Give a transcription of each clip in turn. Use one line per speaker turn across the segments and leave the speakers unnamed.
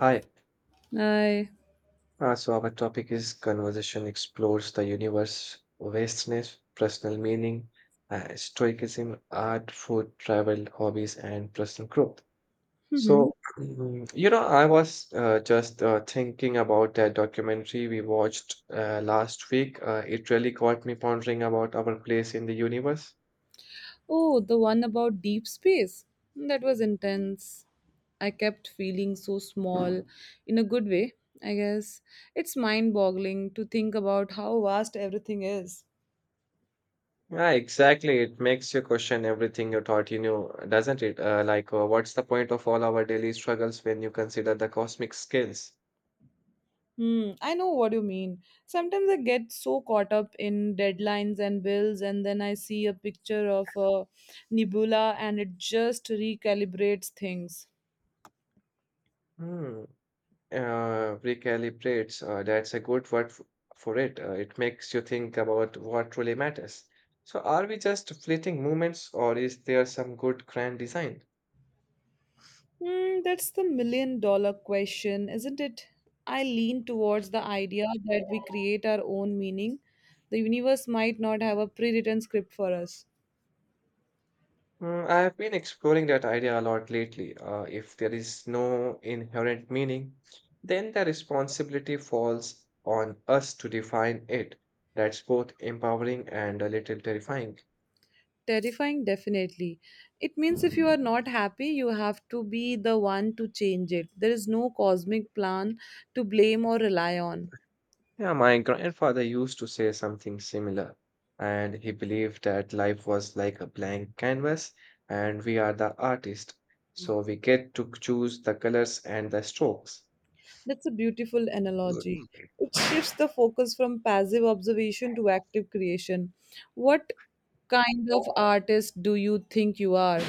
Hi.
I.
So our topic is conversation explores the universe, vastness, personal meaning, stoicism, art, food, travel, hobbies, and personal growth.
Hmm.
So, I was just thinking about that documentary we watched last week. It really got me pondering about our place in the universe.
Oh, the one about deep space. That was intense. I kept feeling so small, in a good way, I guess. It's mind boggling to think about how vast everything is.
Yeah, exactly. It makes you question everything you thought you knew, doesn't it? Like, what's the point of all our daily struggles when you consider the cosmic scales?
Hmm, I know what you mean. Sometimes I get so caught up in deadlines and bills, and then I see a picture of a nebula and it just recalibrates things.
Hmm. Recalibrates. That's a good word f for it. It makes you think about what truly matters. So, are we just fleeting moments, or is there some good grand design?
Hmm, that's the million dollar question, isn't it? I lean towards the idea that we create our own meaning. The universe might not have a pre written script for us.
Mm, I have been exploring that idea a lot lately. If there is no inherent meaning, then the responsibility falls on us to define it. That's both empowering and a little terrifying.
Terrifying, definitely. It means if you are not happy, you have to be the one to change it. There is no cosmic plan to blame or rely on.
Yeah, my grandfather used to say something similar, and he believed that life was like a blank canvas, and we are the artist, so we get to choose the colors and the strokes.
That's a beautiful
Mm.
analogy. It shifts the focus from passive observation to active creation. What kind of artist do you think you are?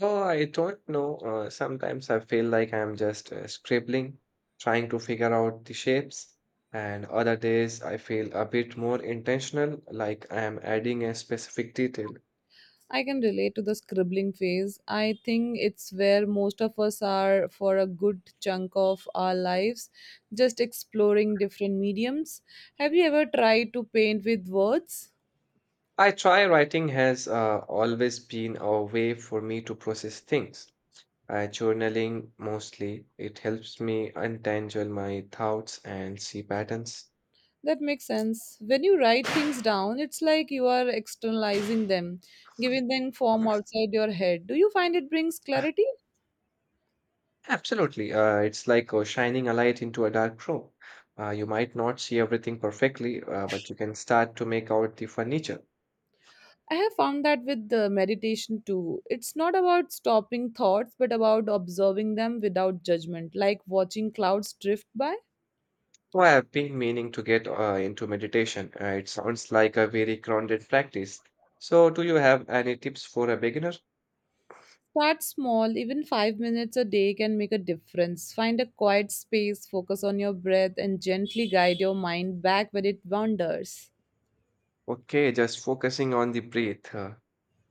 Well, I don't know. Sometimes I feel like I'm just scribbling, trying to figure out the shapes, and other days I feel a bit more intentional, like I am adding a specific detail.
I can relate to the scribbling phase. I think it's where most of us are for a good chunk of our lives, just exploring different mediums. Have you ever tried to paint with words?
I try writing has always been a way for me to process things. Journaling mostly, it helps me untangle my thoughts and see patterns.
That makes sense. When you write things down, it's like you are externalizing them, giving them form outside your head. Do you find it brings clarity?
Absolutely. It's like shining a light into a dark room. You might not see everything perfectly, but you can start to make out the furniture.
I have found that with the meditation too. It's not about stopping thoughts, but about observing them without judgment, like watching clouds drift by.
Well, I've been meaning to get into meditation. It sounds like a very grounded practice. So, do you have any tips for a beginner?
Start small, even 5 minutes a day can make a difference. Find a quiet space, focus on your breath, and gently guide your mind back where it wanders.
Okay, just focusing on the breath. uh,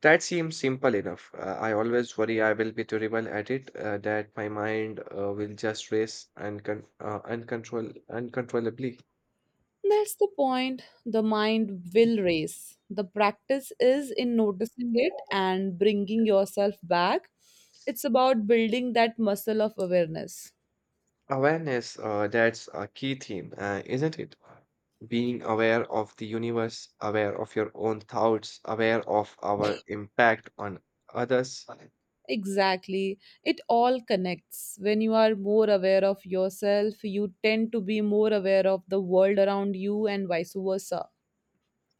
That seems simple enough. I always worry I will be terrible at it, that my mind will just race and con uncontroll uncontrollably.
That's the point. The mind will race. The practice is in noticing it and bringing yourself back. It's about building that muscle of awareness.
Awareness, that's a key theme, isn't it? Being aware of the universe, aware of your own thoughts, aware of our impact on others.
Exactly. It all connects. When you are more aware of yourself, you tend to be more aware of the world around you, and vice versa.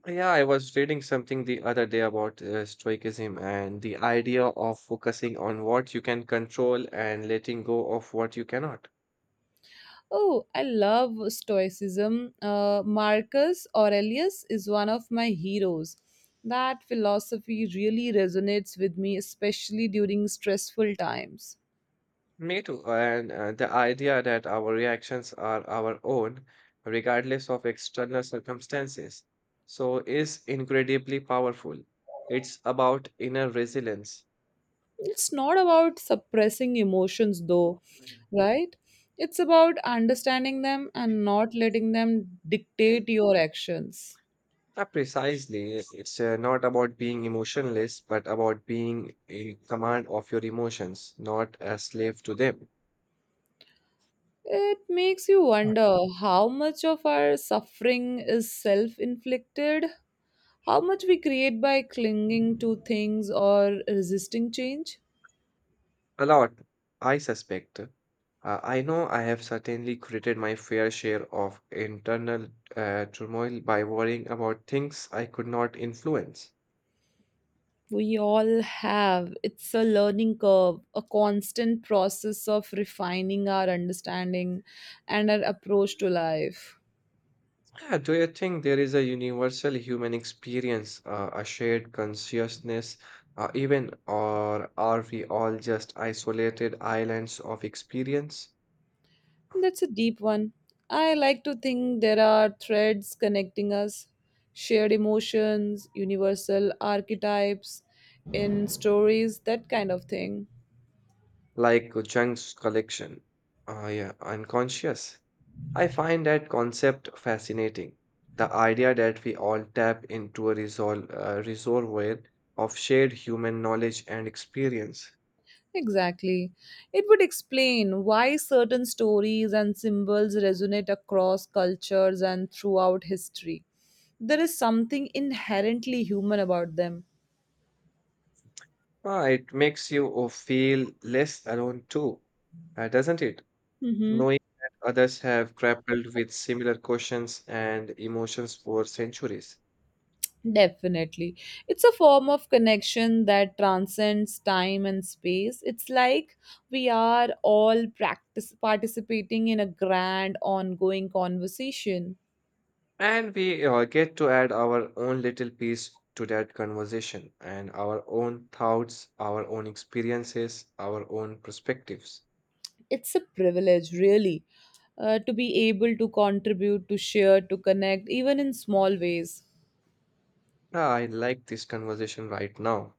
Yeah, I was reading something the other day about Stoicism and the idea of focusing on what you can control and letting go of what you cannot.
Oh, I love Stoicism. Marcus Aurelius is one of my heroes. That philosophy really resonates with me, especially during stressful times.
Me too. And the idea that our reactions are our own, regardless of external circumstances, so is incredibly powerful. It's about inner resilience.
It's not about suppressing emotions, though, right? It's about understanding them and not letting them dictate your actions.
Precisely. It's not about being emotionless, but about being in command of your emotions, not a slave to them.
It makes you wonder how much of our suffering is self inflicted. How much we create by clinging to things or resisting change?
A lot, I suspect. I know I have certainly created my fair share of internal turmoil by worrying about things I could not influence.
We all have. It's a learning curve, a constant process of refining our understanding and our approach to life.
Yeah, do you think there is a universal human experience, a shared consciousness, even, or are we all just isolated islands of experience,
That's a deep one. I like to think there are threads connecting us, shared emotions, universal archetypes in stories, that kind of thing.
like Jung's collection? Yeah, unconscious. I find that concept fascinating. The idea that we all tap into a reservoir of shared human knowledge and experience.
Exactly. It would explain why certain stories and symbols resonate across cultures and throughout history. There is something inherently human about them.
Ah, it makes you feel less alone too, doesn't it?
Mm-hmm.
Knowing that others have grappled with similar questions and emotions for centuries.
Definitely. It's a form of connection that transcends time and space. It's like we are all practice participating in a grand ongoing conversation.
And we get to add our own little piece to that conversation and our own thoughts, our own experiences, our own perspectives.
It's a privilege, really, to be able to contribute, to share, to connect, even in small ways.
Yeah, I like this conversation right now.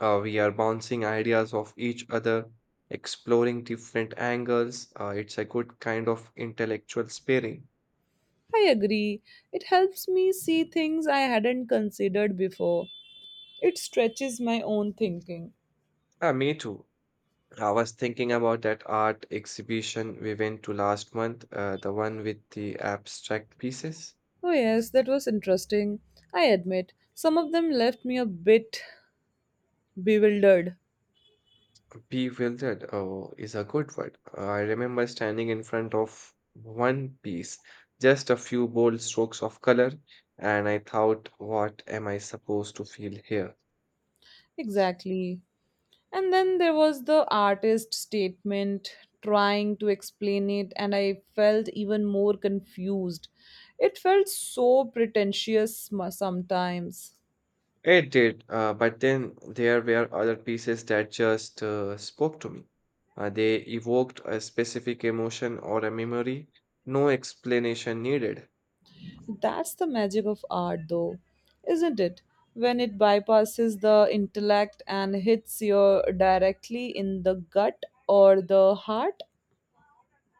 We are bouncing ideas off each other, exploring different angles. It's a good kind of intellectual sparring.
I agree. It helps me see things I hadn't considered before. It stretches my own thinking.
Me too. I was thinking about that art exhibition we went to last month, the one with the abstract pieces.
Oh, yes, that was interesting. I admit, some of them left me a bit bewildered.
Bewildered, oh, is a good word. I remember standing in front of one piece, just a few bold strokes of color, and I thought, what am I supposed to feel here?
Exactly. And then there was the artist statement trying to explain it, and I felt even more confused. It felt so pretentious sometimes.
It did, but then there were other pieces that just spoke to me. They evoked a specific emotion or a memory, no explanation needed.
That's the magic of art, though, isn't it? When it bypasses the intellect and hits you directly in the gut or the heart.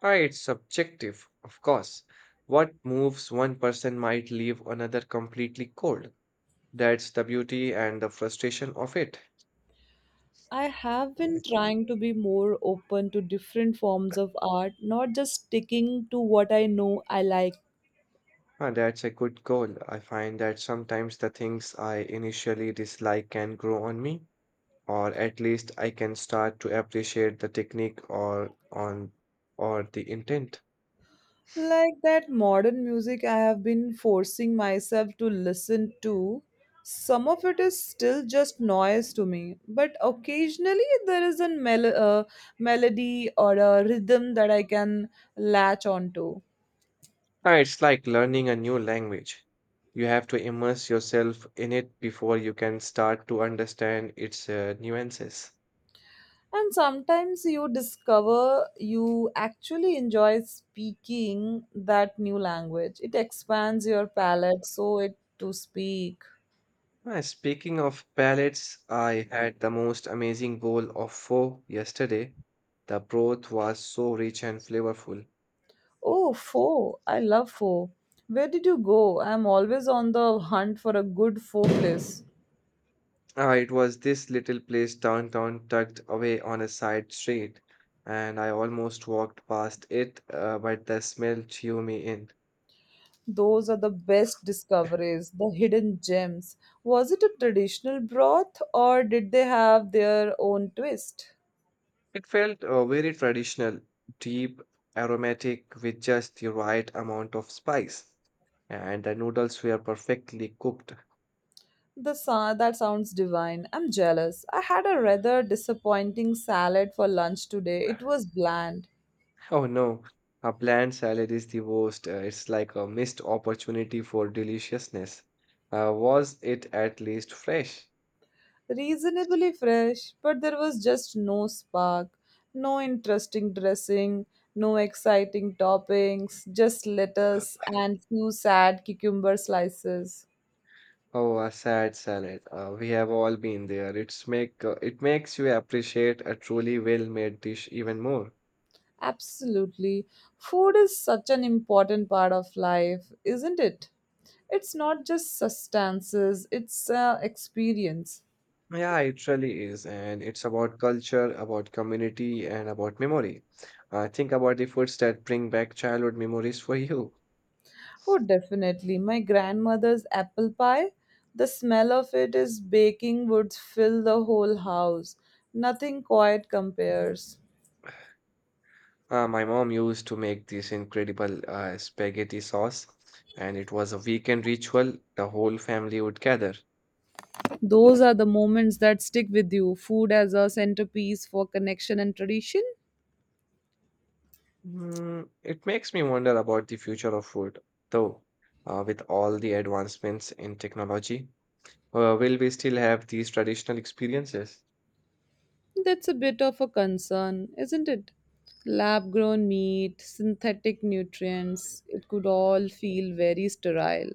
Ah, it's subjective, of course. What moves one person might leave another completely cold. That's the beauty and the frustration of it.
I have been trying to be more open to different forms of art, not just sticking to what I know I like.
Ah, that's a good goal. I find that sometimes the things I initially dislike can grow on me, or at least I can start to appreciate the technique or the intent.
Like that modern music I have been forcing myself to listen to. Some of it is still just noise to me, but occasionally there is a melody or a rhythm that I can latch onto.
It's like learning a new language. You have to immerse yourself in it before you can start to understand its nuances.
And sometimes you discover you actually enjoy speaking that new language. It expands your palette, so it to speak.
Speaking of palettes, I had the most amazing bowl of pho yesterday. The broth was so rich and flavorful.
Oh, pho. I love pho. Where did you go? I'm always on the hunt for a good pho place.
It was this little place downtown, tucked away on a side street, and I almost walked past it, but the smell drew me in.
Those are the best discoveries, the hidden gems. Was it a traditional broth or did they have their own twist?
It felt very traditional, deep, aromatic, with just the right amount of spice. And the noodles were perfectly cooked.
That sounds divine. I'm jealous. I had a rather disappointing salad for lunch today. It was bland.
Oh no, a bland salad is the worst. It's like a missed opportunity for deliciousness. Was it at least fresh?
Reasonably fresh, but there was just no spark, no interesting dressing, no exciting toppings, just lettuce and few sad cucumber slices.
Oh, a sad salad. We have all been there. It makes you appreciate a truly well-made dish even more.
Absolutely. Food is such an important part of life, isn't it? It's not just substances, it's experience.
Yeah, it really is, and it's about culture, about community, and about memory. Think about the foods that bring back childhood memories for you.
Oh, definitely. My grandmother's apple pie, the smell of it is baking would fill the whole house. Nothing quite compares.
My mom used to make this incredible spaghetti sauce, and it was a weekend ritual. The whole family would gather.
Those are the moments that stick with you. Food as a centerpiece for connection and tradition?
Mm, it makes me wonder about the future of food, though. With all the advancements in technology, will we still have these traditional experiences?
That's a bit of a concern, isn't it? Lab grown meat, synthetic nutrients, it could all feel very sterile.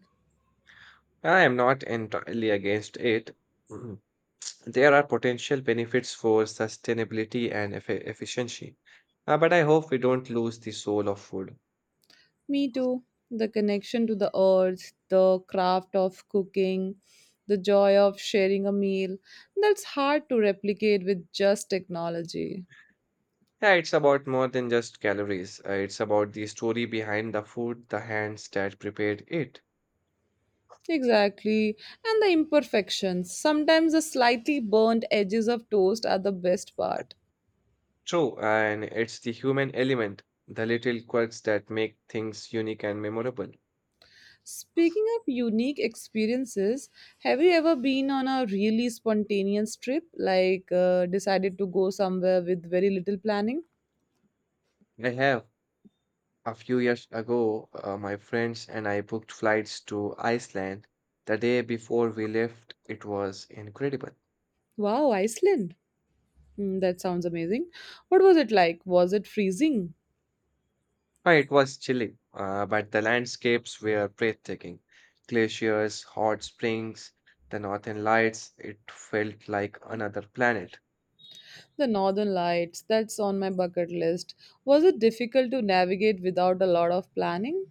I am not entirely against it. Mhm. There are potential benefits for sustainability and efficiency, but I hope we don't lose the soul of food.
Me too. The connection to the earth, the craft of cooking, the joy of sharing a meal. That's hard to replicate with just technology.
Yeah, it's about more than just calories. It's about the story behind the food, the hands that prepared it.
Exactly. And the imperfections. Sometimes the slightly burnt edges of toast are the best part.
True, and it's the human element, the little quirks that make things unique and memorable.
Speaking of unique experiences, have you ever been on a really spontaneous trip, like, decided to go somewhere with very little planning?
I have a few years ago, my friends and I booked flights to Iceland. The day before we left, it was incredible.
Wow, Iceland! Mm, that sounds amazing. What was it like? Was it freezing?
It was chilly, but the landscapes were breathtaking. Glaciers, hot springs, the northern lights, it felt like another planet.
The Northern Lights, that's on my bucket list. Was it difficult to navigate without a lot of planning?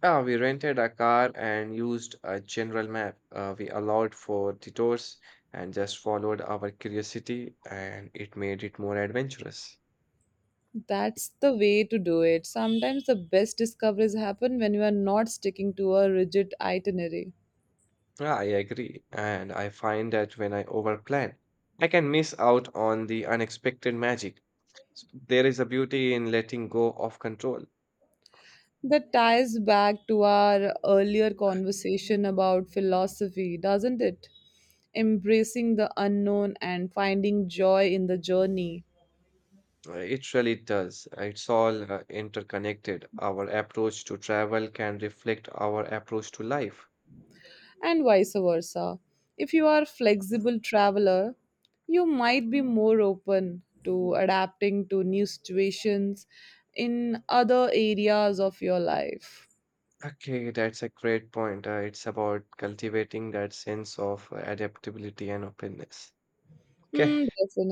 Yeah, we rented a car and used a general map. We allowed for detours and just followed our curiosity, and it made it more adventurous.
That's the way to do it. Sometimes the best discoveries happen when you are not sticking to a rigid itinerary.
Yeah, I agree. And I find that when I overplan, I can miss out on the unexpected magic. There is a beauty in letting go of control.
That ties back to our earlier conversation about philosophy, doesn't it? Embracing the unknown and finding joy in the journey.
It really does. It's all interconnected. Our approach to travel can reflect our approach to life.
And vice versa. If you are a flexible traveler, you might be more open to adapting to new situations in other areas of your life.
Okay, that's a great point. It's about cultivating that sense of adaptability and openness. Okay.
Hmm, definitely.